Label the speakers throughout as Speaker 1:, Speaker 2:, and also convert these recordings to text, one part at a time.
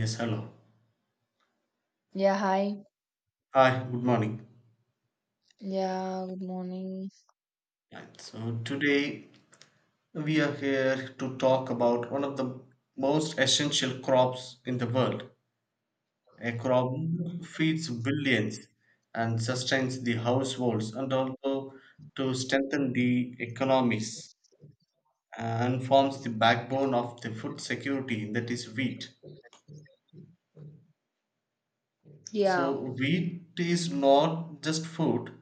Speaker 1: Yes, hello.
Speaker 2: Yeah, hi.
Speaker 1: Hi, good morning.
Speaker 2: Yeah, good morning.
Speaker 1: Right. So today we are here to talk about one of the most essential crops in the world. A crop feeds billions and sustains the households and also to strengthen the economies and forms the backbone of the food security, that is wheat.
Speaker 2: Yeah,
Speaker 1: So wheat is not just food,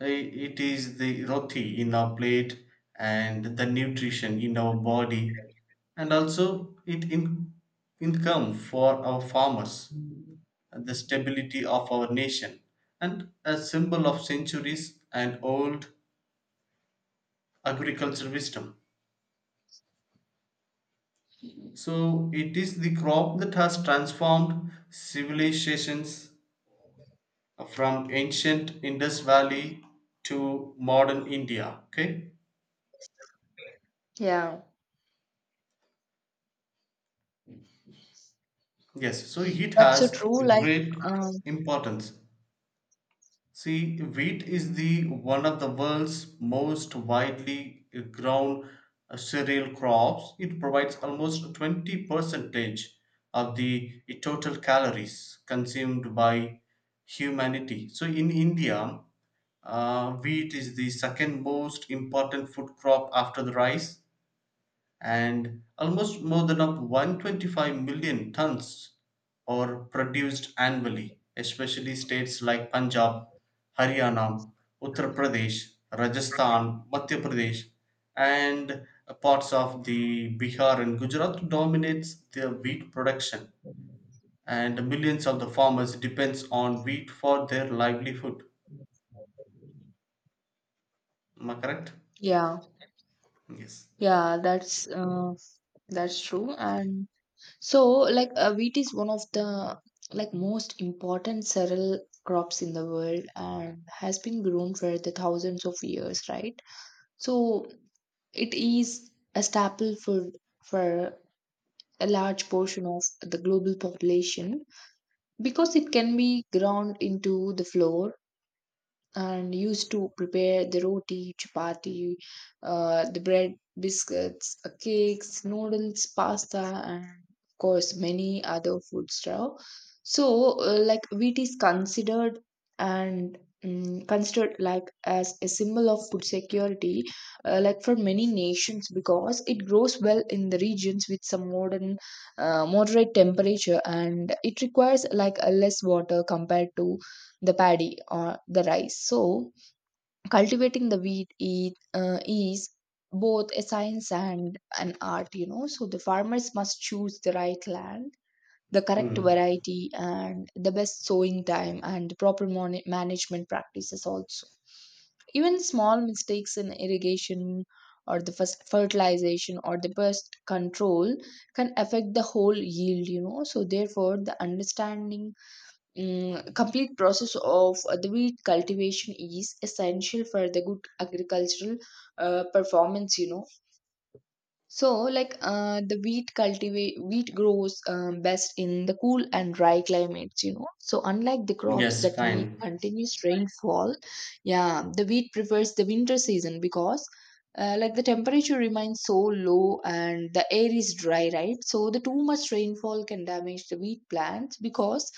Speaker 1: it is the roti in our plate and the nutrition in our body, and also it in income for our farmers, and the stability of our nation, and a symbol of centuries and old agricultural wisdom. So it is the crop that has transformed civilizations from ancient Indus Valley to modern India. Okay.
Speaker 2: yeah.
Speaker 1: Yes, so heat
Speaker 2: That's so
Speaker 1: has a
Speaker 2: true. Like,
Speaker 1: great
Speaker 2: um,
Speaker 1: importance. See, wheat is the one of the world's most widely grown cereal crops. It provides almost 20 percentage of the total calories consumed by humanity. So in India, wheat is the second most important food crop after the rice, and almost more than of 125 million tons are produced annually, especially states like Punjab, Haryana, Uttar Pradesh, Rajasthan, Madhya Pradesh, and parts of the Bihar and Gujarat dominates the wheat production, and millions of the farmers depends on wheat for their livelihood. Am I correct?
Speaker 2: yeah,
Speaker 1: Yes.
Speaker 2: yeah, that's true. And so, like, wheat is one of the like most important cereal crops in the world and has been grown for the thousands of years, right? So it is a staple food for a large portion of the global population because it can be ground into the flour and used to prepare the roti, chapati, the bread, biscuits, cakes, noodles, pasta, and of course many other food stuff. So, like wheat is considered and mm considered like as a symbol of food security, like for many nations because it grows well in the regions with some moderate temperature and it requires like a less water compared to the paddy or the rice. So, cultivating the wheat is both a science and an art, you know. So, the farmers must choose the right land, the correct
Speaker 1: Hmm.
Speaker 2: variety, and the best sowing time and the proper management practices also. Even small mistakes in irrigation or the first fertilization or the pest control can affect the whole yield, you know. So, therefore, the understanding complete process of the wheat cultivation is essential for the good agricultural performance, you know. So, like the wheat grows best in the cool and dry climates, you know. So, unlike the crops
Speaker 1: Yes,
Speaker 2: that need
Speaker 1: fine.
Speaker 2: continuous rainfall, yeah, the wheat prefers the winter season because, like the temperature remains so low and the air is dry, right? So, the too much rainfall can damage the wheat plants because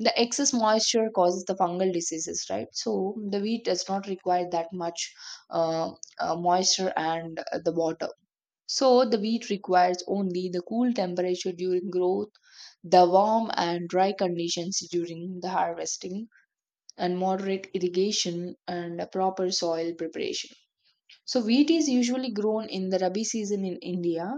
Speaker 2: the excess moisture causes the fungal diseases, right? So, the wheat does not require that much uh, moisture and the water so the wheat requires only the cool temperature during growth, the warm and dry conditions during the harvesting, and moderate irrigation and a proper soil preparation. So wheat is usually grown in the Rabi season in India,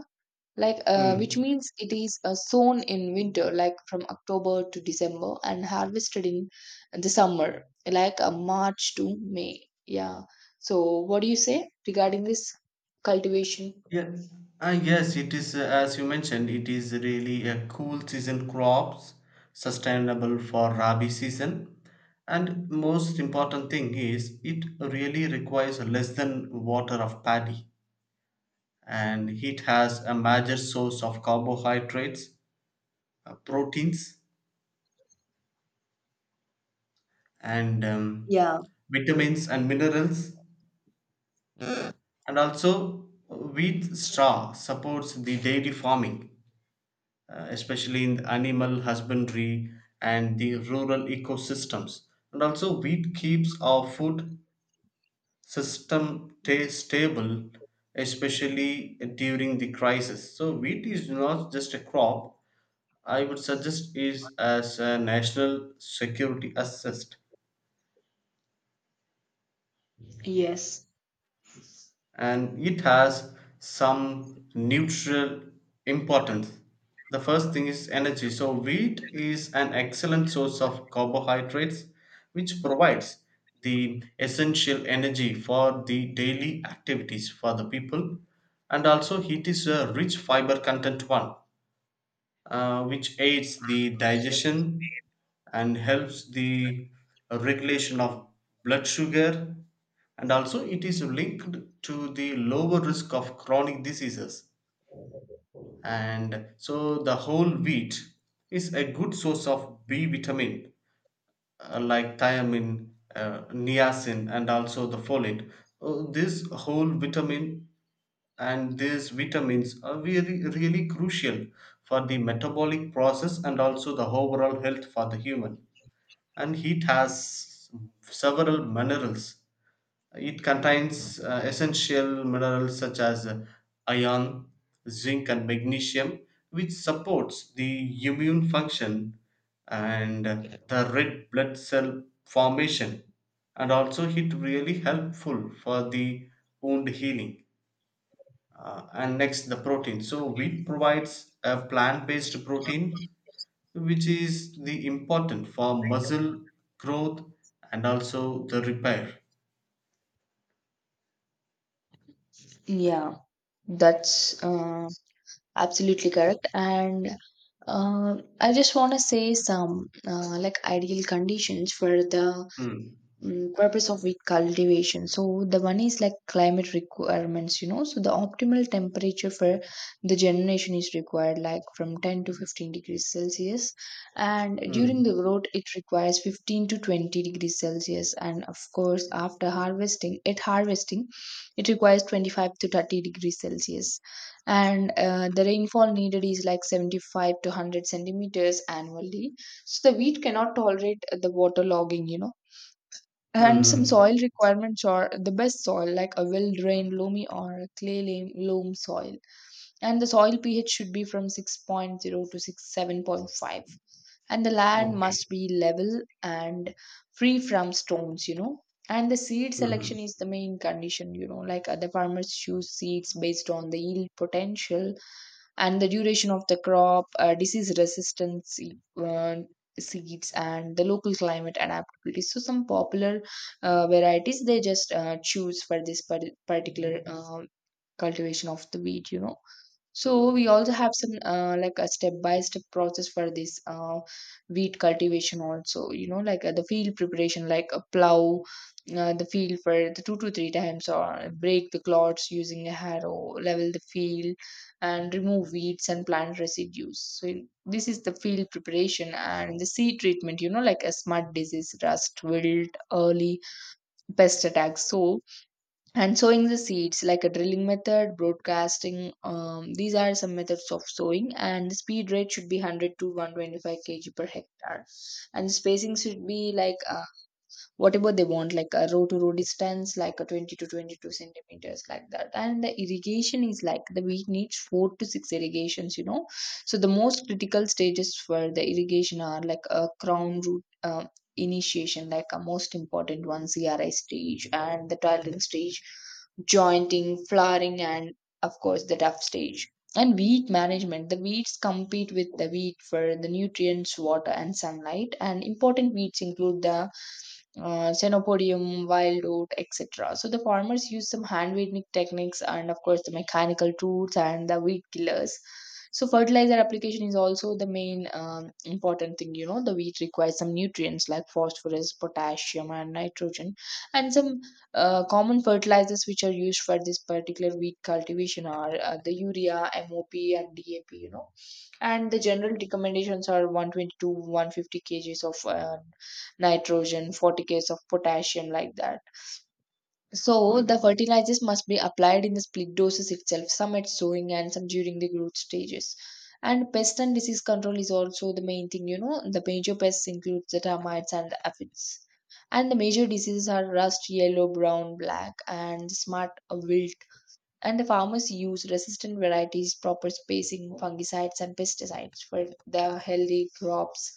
Speaker 2: like which
Speaker 1: Hmm.
Speaker 2: means it is sown in winter, like from October to December, and harvested in the summer, like March to May. Yeah. So what do you say regarding this cultivation?
Speaker 1: Yes, yes, it is as you mentioned, it is really a cool season crops, sustainable for rabi season. And most important thing is it really requires less than water of paddy, and it has a major source of carbohydrates, proteins and
Speaker 2: Yeah.
Speaker 1: vitamins and minerals, and also wheat straw supports the dairy farming, especially in animal husbandry and the rural ecosystems. And also, wheat keeps our food system stable, especially during the crisis. So, wheat is not just a crop. I would suggest is as a national security assist, and it has some neutral importance. The first thing is energy. So, wheat is an excellent source of carbohydrates which provides the essential energy for the daily activities for the people, and also, it is a rich fiber content one which aids the digestion and helps the regulation of blood sugar, and also it is linked to the lower risk of chronic diseases. And so the whole wheat is a good source of b vitamin, like thiamine, niacin, and also the folate. This whole vitamin, and these vitamins are really, really crucial for the metabolic process and also the overall health for the human. And it has several minerals. It contains essential minerals such as iron, zinc, and magnesium, which supports the immune function and the red blood cell formation, and also it really helpful for the wound healing. And next, the protein. So, wheat provides a plant based protein, which is the important for muscle growth and also the repair.
Speaker 2: Yeah, that's absolutely correct. And I just want to say some like ideal conditions for the
Speaker 1: Mm,
Speaker 2: purpose of wheat cultivation. So the one is like climate requirements, you know. So the optimal temperature for the germination is required like from 10 to 15 degrees celsius and during
Speaker 1: mm,
Speaker 2: the growth it requires 15 to 20 degrees celsius and of course after harvesting at harvesting it requires 25 to 30 degrees celsius and the rainfall needed is like 75 to 100 centimeters annually. So the wheat cannot tolerate the water logging, you know.
Speaker 1: mm,
Speaker 2: And some
Speaker 1: mm.
Speaker 2: soil requirements are the best soil, like a well drained loamy or a clay loam soil. And the soil pH should be from six point zero to 6, 7.5. And the land
Speaker 1: Okay.
Speaker 2: must be level and free from stones, you know. And the seed
Speaker 1: Hmm.
Speaker 2: selection is the main condition, you know, like the farmers choose seeds based on the yield potential and the duration of the crop, disease resistance uh, seeds, and the local climate adaptability. So, some popular varieties they just choose for this particular cultivation of the wheat, you know. So we also have some like a step by step process for this wheat cultivation also, you know, like the field preparation, like a plow the field for the two to three times or break the clods using a harrow, level the field and remove weeds and plant residues. So this is the field preparation and the seed treatment, you know, like a smart disease rust wilt early pest attacks. So, and sowing the seeds like a drilling method, broadcasting, these are some methods of sowing, and the speed rate should be 100 to 125 kg per hectare, and the spacing should be like whatever they want, like a row to row distance like a 20 to 22 centimeters like that. And the irrigation is like the we need four to six irrigations, you know. So the most critical stages for the irrigation are like a crown root initiation, like a most important one cri stage, and the tiling stage, jointing, flowering, and of course the tough stage. And weed management, the weeds compete with the wheat for the nutrients, water, and sunlight, and important weeds include the xenopodium, wild oat, etc. So the farmers use some hand weeding techniques and of course the mechanical tools and the weed killers. So fertilizer application is also the main important thing. You know, the wheat requires some nutrients like phosphorus, potassium, and nitrogen, and some common fertilizers which are used for this particular wheat cultivation are the urea, MOP, and DAP. You know, and the general recommendations are 120 to 150 kgs of nitrogen, 40 kgs of potassium, like that. So the fertilizers must be applied in the split doses itself, some at sowing and some during the growth stages. And pest and disease control is also the main thing, you know. The major pests include the termites and the aphids. And the major diseases are rust, yellow, brown, black, and smart wilt. And the farmers use resistant varieties, proper spacing, fungicides, and pesticides for the healthy crops.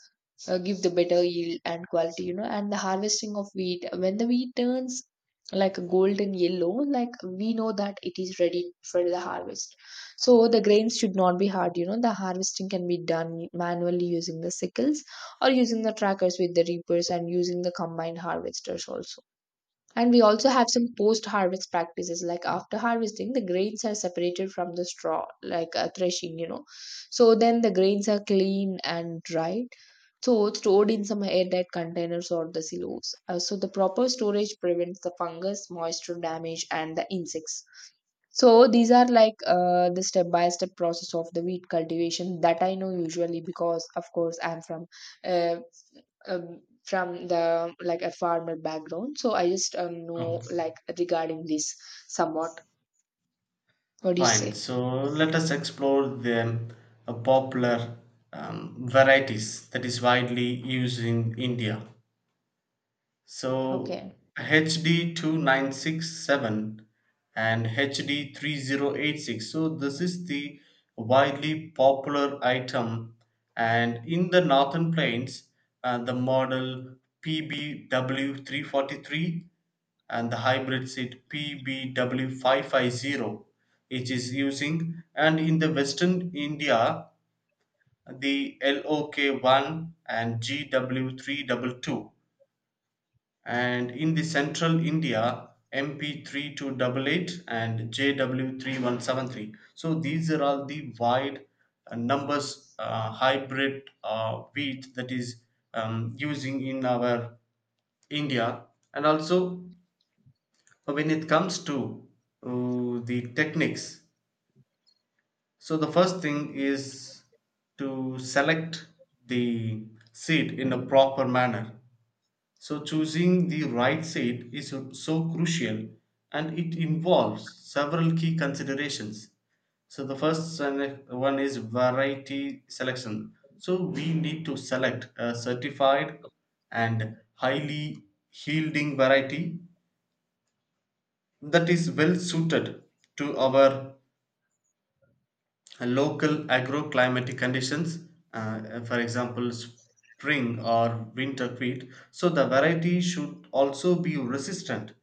Speaker 2: Give the better yield and quality, you know, and the harvesting of wheat. When the wheat turns like a golden yellow, like we know that it is ready for the harvest. So the grains should not be hard, you know. The harvesting can be done manually using the sickles or using the trackers with the reapers and using the combined harvesters also. And we also have some post harvest practices like after harvesting, the grains are separated from the straw, like threshing, you know. So then the grains are clean and dried. So it's stored in some airtight containers or the silos. So the proper storage prevents the fungus, moisture damage, and the insects. So these are like the step by step process of the wheat cultivation that I know usually, because of course I'm uh, from the like a farmer background, so I just know
Speaker 1: Okay.
Speaker 2: like regarding this somewhat. What do you
Speaker 1: Fine.
Speaker 2: say?
Speaker 1: So, let us explore the popular varieties that is widely used in India. So
Speaker 2: Okay,
Speaker 1: HD 2967 and HD 3086. So this is the widely popular item, and in the northern plains the model PBW 343 and the hybrid seat PBW550 zero. It is using, and in the western India the LOK1 and GW322, and in the central India MP3288 and JW3173. So these are all the wide numbers hybrid wheat that is using in our India. And also when it comes to the techniques. So the first thing is to select the seed in a proper manner. So, choosing the right seat is so crucial, and it involves several key considerations. So, the first one is variety selection. So, we need to select a certified and highly yielding variety that is well suited to our local agroclimatic conditions, for example, spring or winter wheat. So the variety should also be resistant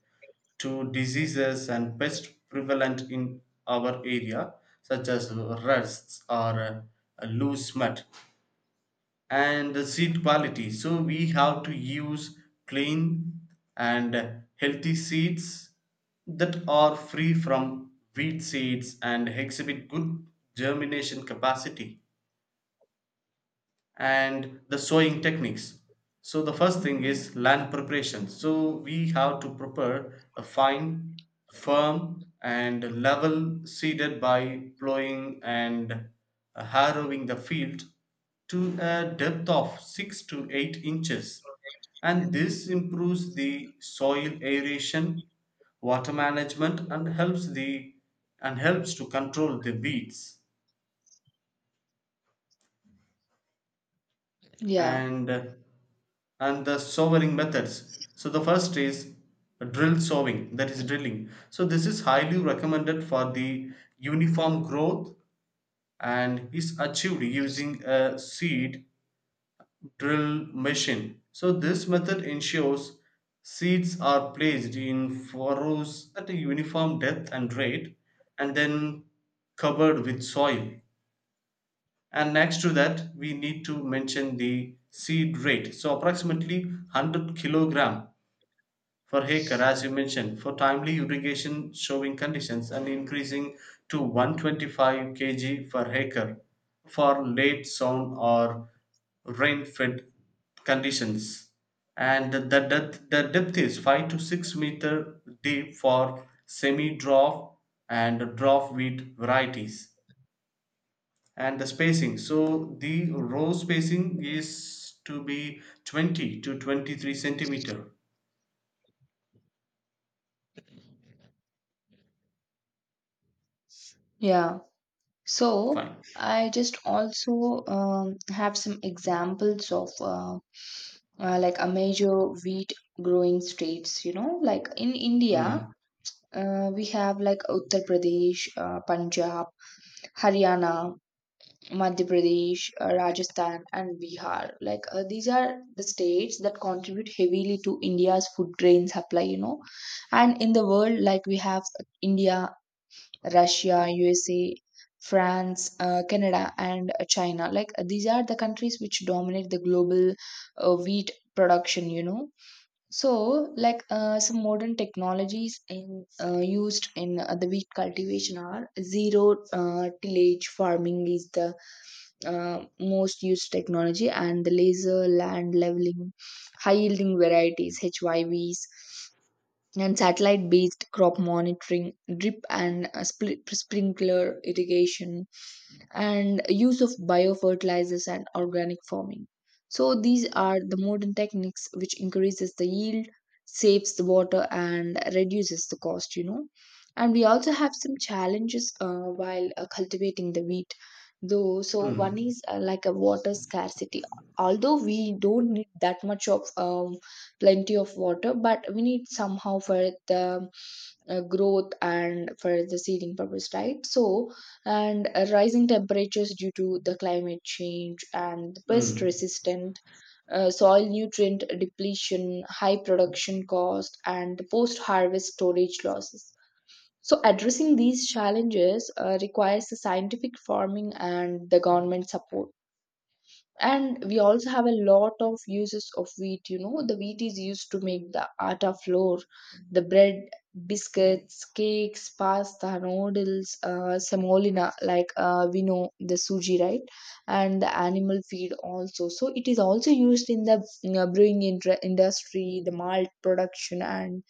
Speaker 1: to diseases and pests prevalent in our area, such as rusts or loose mud, and the seed quality. So we have to use clean and healthy seeds that are free from weed seeds and exhibit good germination capacity, and the sowing techniques. So the first thing is land preparation. So we have to prepare a fine, firm, and level seeded by plowing and harrowing the field to a depth of 6 to 8 inches, and this improves the soil aeration, water management, and helps to control the weeds.
Speaker 2: yeah,
Speaker 1: And uh, and the sowing methods. So the first is drill sowing, that is drilling. So this is highly recommended for the uniform growth and is achieved using a seed drill machine. So this method ensures seeds are placed in furrows at a uniform depth and rate, and then covered with soil. And next to that, we need to mention the seed rate. So approximately 100 kilogram for acre, as you mentioned, for timely irrigation showing conditions, and increasing to 125 kg per acre for late sown or rain fed conditions. And the depth, is 5 to 6 meter deep for semi dwarf and dwarf wheat varieties. And the spacing, so the row spacing is to be 20 to 23 centimeter.
Speaker 2: yeah. So
Speaker 1: Fine.
Speaker 2: I just also have some examples of like a major wheat growing states, you know, like in India.
Speaker 1: Mm.
Speaker 2: We have like Uttar Pradesh, Punjab, Haryana, Madhya Pradesh, Rajasthan, and Bihar. Like these are the states that contribute heavily to India's food grain supply, you know. And in the world, like we have India, Russia, USA, France, Canada, and China. Like these are the countries which dominate the global wheat production, you know. So, like some modern technologies in used in the wheat cultivation are zero tillage farming is the most used technology, and the laser land leveling, high yielding varieties (HYVs), and satellite based crop monitoring, drip and split, sprinkler irrigation and use of biofertilizers and organic farming. So these are the modern techniques which increases the yield, saves the water, and reduces the cost, you know. And we also have some challenges while cultivating the wheat though. So one
Speaker 1: Mm.
Speaker 2: is like a water scarcity. Although we don't need that much of plenty of water, but we need somehow for the growth and for the seeding purpose, right? So and rising temperatures due to the climate change and pest
Speaker 1: Hmm.
Speaker 2: resistant soil nutrient depletion, high production cost, and post harvest storage losses. So addressing these challenges requires the scientific farming and the government support. And we also have a lot of uses of wheat, you know. The wheat is used to make the atta flour, the bread, biscuits, cakes, pasta, noodles, semolina, like we know the suji, right, and the animal feed also. So it is also used in the brewing industry, the malt production, and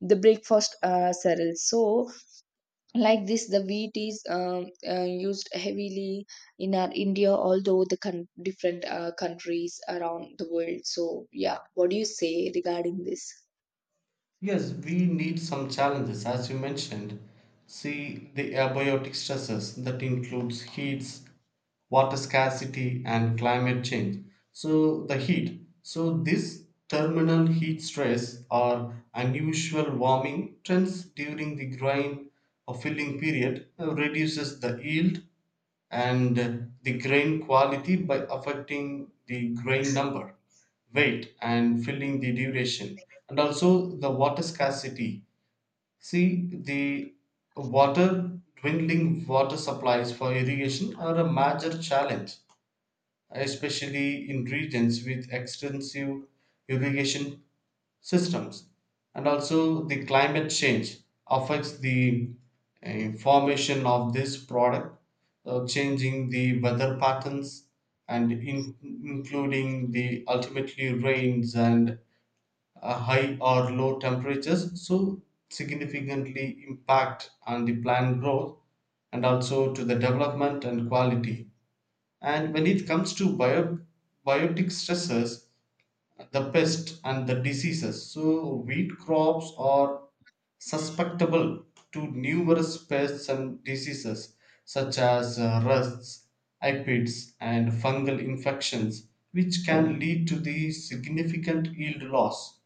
Speaker 2: the breakfast cereals. So, like this, the wheat is used heavily in our India, although the different countries around the world. So, yeah, what do you say regarding this?
Speaker 1: Yes, we need some challenges, as you mentioned. See the abiotic stresses that includes heats, water scarcity, and climate change. So the heat. So this terminal heat stress or unusual warming trends during the grain or filling period reduces the yield and the grain quality by affecting the grain number, weight, and filling the duration, and also the water scarcity. See the water dwindling water supplies for irrigation are a major challenge, especially in regions with extensive irrigation systems. And also, the climate change affects the formation of this product, changing the weather patterns and including the ultimately rains and high or low temperatures. So, significantly impact on the plant growth and also to the development and quality. And when it comes to biotic stressors, the pest and the diseases, so wheat crops are susceptible to numerous pests and diseases such as rusts, aphids, and fungal infections, which can lead to the significant yield loss.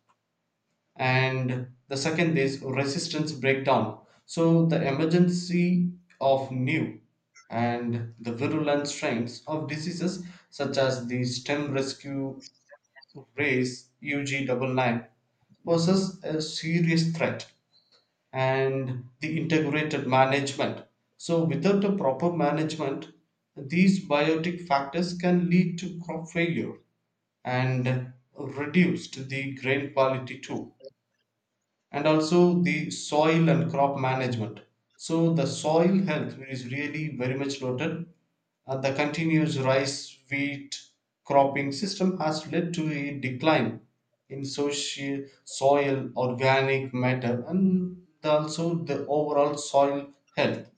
Speaker 1: And the second is resistance breakdown, so the emergency of new and the virulent strains of diseases such as the stem rescue race ug99 poses a serious threat, and the integrated management. So without a proper management these biotic factors can lead to crop failure and reduce the grain quality too, and also the soil and crop management. So the soil health is really very much noted. The continuous rice wheat cropping system has led to a decline in soci soil organic matter and also the overall soil health.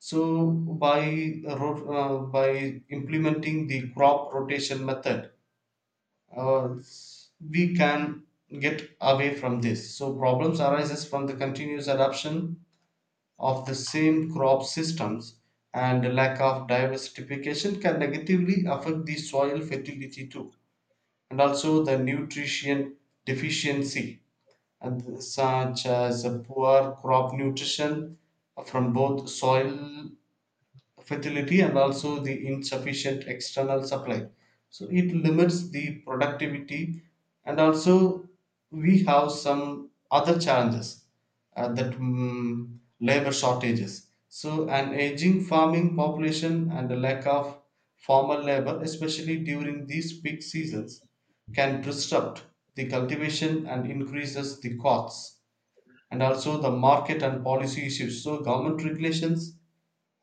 Speaker 1: So by by implementing the crop rotation method, uh, we can get away from this. So problems arises from the continuous adoption of the same crop systems, and the lack of diversification can negatively affect the soil fertility too, and also the nutrition deficiency, and such as a poor crop nutrition from both soil fragility and also the insufficient external supply. So it limits the productivity. And also we have some other challenges that labor shortages. So an aging farming population and a lack of formal labor, especially during these peak seasons, can disrupt the cultivation and increases the costs, and also the market and policy issues. So government regulations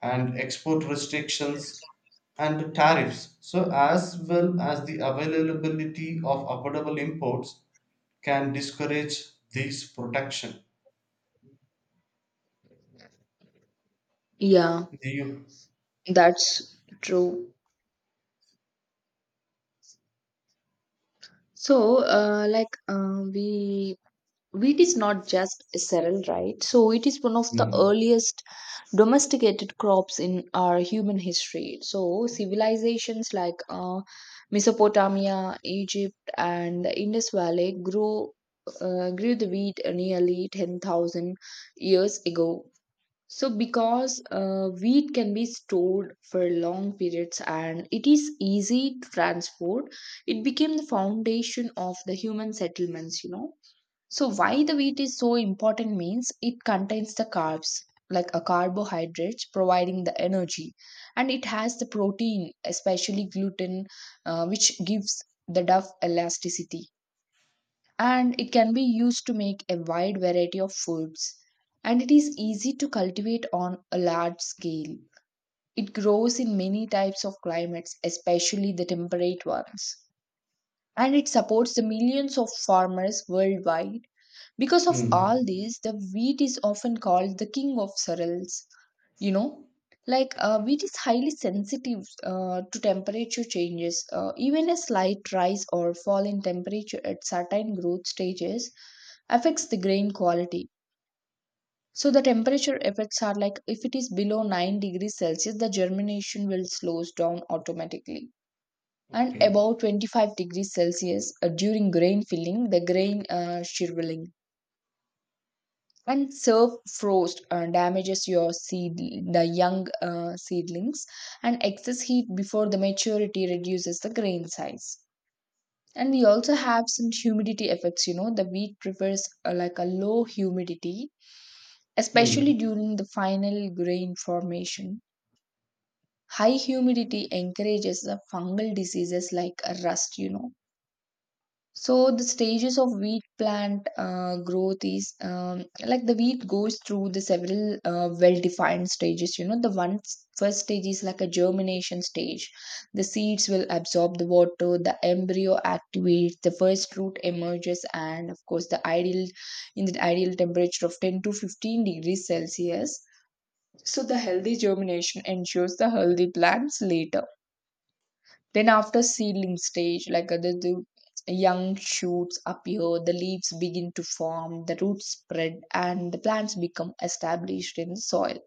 Speaker 1: and export restrictions and tariffs, so as well as the availability of affordable imports, can discourage this protection.
Speaker 2: Yeah,
Speaker 1: Do you?
Speaker 2: that's true. So, like, we Wheat is not just cereal, right? So it is one of the
Speaker 1: Hmm.
Speaker 2: earliest domesticated crops in our human history. So civilizations like Mesopotamia, Egypt, and the Indus Valley grew the wheat nearly 10,000 years ago. So because wheat can be stored for long periods and it is easy to transport, it became the foundation of the human settlements. You know, so why the wheat is so important means it contains the carbs, like a carbohydrates, providing the energy, and it has the protein, especially gluten, which gives the dough elasticity, and it can be used to make a wide variety of foods, and it is easy to cultivate on a large scale. It grows in many types of climates, especially the temperate ones, and it supports the millions of farmers worldwide. Because of
Speaker 1: Hmm.
Speaker 2: all these, the wheat is often called the king of cereals. You know, like wheat is highly sensitive to temperature changes. Even a slight rise or fall in temperature at certain growth stages affects the grain quality. So the temperature effects are like, if it is below 9 degrees Celsius, the germination will slows down automatically. And
Speaker 1: Okay.
Speaker 2: above 25 degrees Celsius during grain filling, the grain shriveling. And surf frost damages your seed, the young seedlings, and excess heat before the maturity reduces the grain size. And we also have some humidity effects. You know, the wheat prefers like a low humidity,
Speaker 1: Hmm.
Speaker 2: especially during the final grain formation. High humidity encourages the fungal diseases like rust. You know, so the stages of wheat plant growth is like the wheat goes through the several well-defined stages. You know, the first stage is like a germination stage. The seeds will absorb the water, the embryo activates, the first root emerges, and of course, the ideal in the ideal temperature of 10 to 15 degrees Celsius. So the healthy germination ensures the healthy plants later. Then, after seedling stage, like the young shoots appear, the leaves begin to form, the roots spread, and the plants become established in the soil.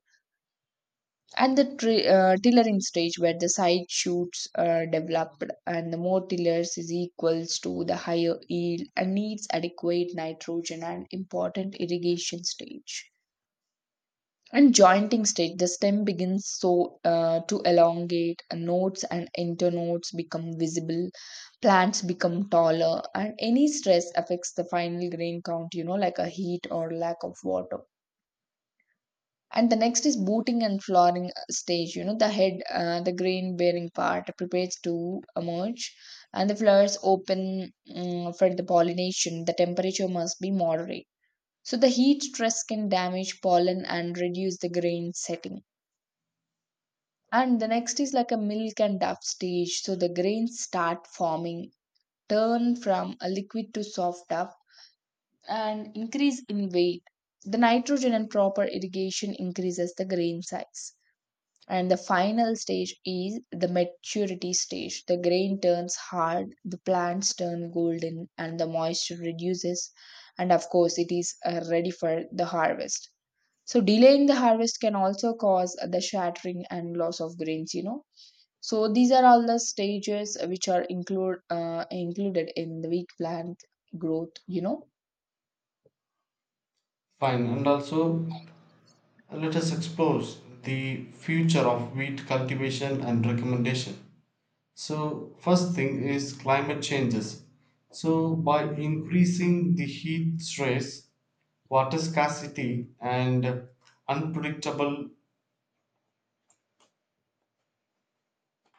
Speaker 2: And the tillering stage, where the side shoots are developed, and the more tillers is equals to the higher yield, and needs adequate nitrogen and important irrigation stage. And jointing state, the stem begins to elongate, and nodes and internodes become visible. Plants become taller, and any stress affects the final grain count, you know, like a heat or lack of water. And the next is booting and flowering stage. You know, the head the grain bearing part prepares to emerge, and the flowers open, for the pollination the temperature must be moderate. So the heat stress can damage pollen and reduce the grain setting. And the next is like a milk and dough stage. So the grains start forming, turn from a liquid to soft dough, and increase in weight. The nitrogen and proper irrigation increases the grain size. And the final stage is the maturity stage. The grain turns hard, the plants turn golden, and the moisture reduces, and of course it is ready for the harvest. So delaying the harvest can also cause the shattering and loss of grains, you know. So these are all the stages which are included in the weak plant growth, you know.
Speaker 1: Fine. And also let us explore the future of wheat cultivation and recommendation. So first thing is climate changes. So by increasing the heat stress, water scarcity, and unpredictable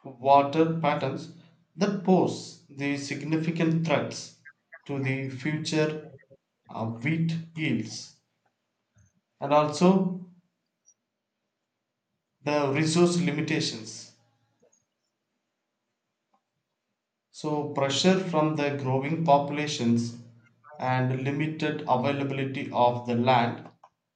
Speaker 1: water patterns that pose the significant threats to the future wheat yields, and also the resource limitations. So, pressure from the growing populations and limited availability of the land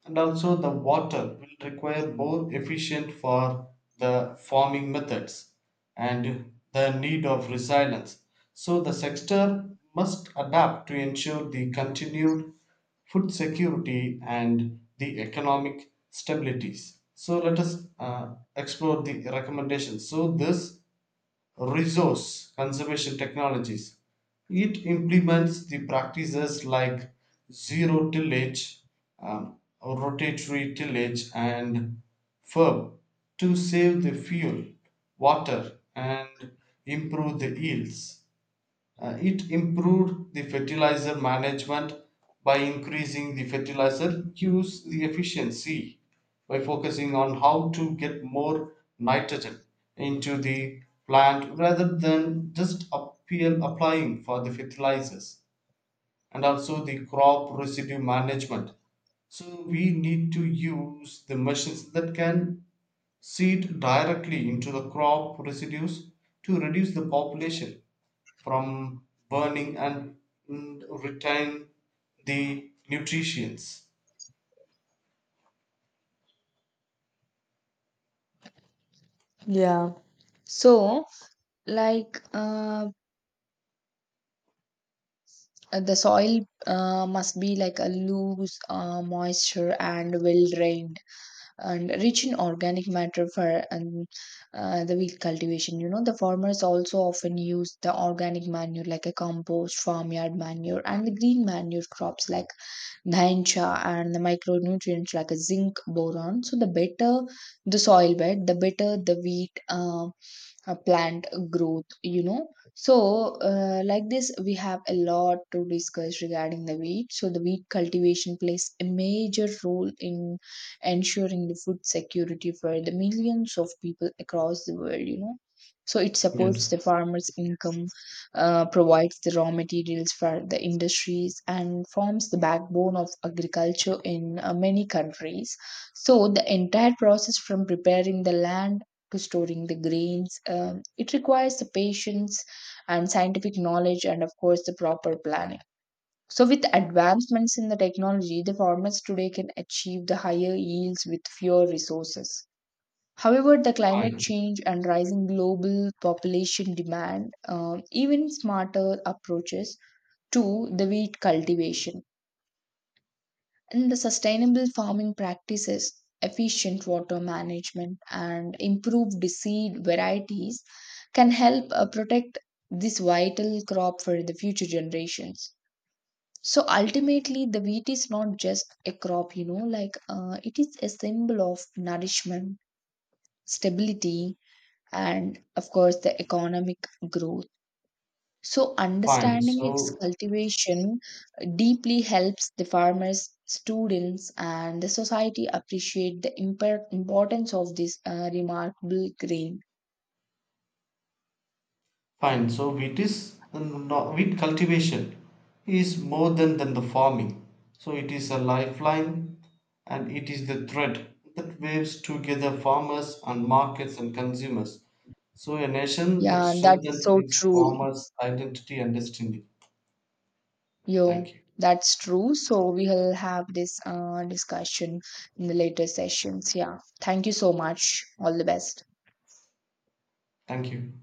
Speaker 1: and also the water will require more efficient for the farming methods, and the need of resilience. So, the sector must adapt to ensure the continued food security and the economic stabilities. So, let us explore the recommendations. So, this resource conservation technologies. It implements the practices like zero tillage, um, rotatory tillage, and FERB to save the fuel, water, and improve the yields. It improved the fertilizer management by increasing the fertilizer use the efficiency by focusing on how to get more nitrogen into the plant rather than just applying for the fertilizers, and also the crop residue management. So we need to use the machines that can seed directly into the crop residues to reduce the population from burning and retain the nutrients.
Speaker 2: Yeah. So like the soil must be like a loose, moisture and well drained, and rich in organic matter for the wheat cultivation. You know, the farmers also often use the organic manure like a compost, farmyard manure, and the green manure crops like Dhansha, and the micronutrients like a zinc boron. So the better the soil bed, the better the wheat. Plant growth, you know. So like this, we have a lot to discuss regarding the wheat. So the wheat cultivation plays a major role in ensuring the food security for the millions of people across the world, you know. So it supports the
Speaker 1: Yes.
Speaker 2: farmers income, provides the raw materials for the industries, and forms the backbone of agriculture in many countries. So the entire process from preparing the land storing the grains. It requires the patience and scientific knowledge, and of course, the proper planning. So, with advancements in the technology, the farmers today can achieve the higher yields with fewer resources. However, the climate
Speaker 1: Fine.
Speaker 2: change and rising global population demand even smarter approaches to the wheat cultivation. And the sustainable farming practices, efficient water management, and improved seed varieties can help protect this vital crop for the future generations. So ultimately, the wheat is not just a crop, you know, like it is a symbol of nourishment, stability, and of course, the economic growth. So,
Speaker 1: Fine.
Speaker 2: understanding its
Speaker 1: So
Speaker 2: cultivation deeply helps the farmers, students, and the society appreciate the importance of this remarkable grain.
Speaker 1: fine. So wheat is not wheat cultivation is more than the farming. So it is a lifeline, and it is the thread that waves together farmers and markets and consumers. So a nation that
Speaker 2: Yeah, that's
Speaker 1: strengthens
Speaker 2: so
Speaker 1: its
Speaker 2: true.
Speaker 1: farmers' identity and destiny. Thank
Speaker 2: Yo,
Speaker 1: you.
Speaker 2: that's true. So, we will have this discussion in the later sessions. Yeah, thank you so much. All the best.
Speaker 1: Thank you.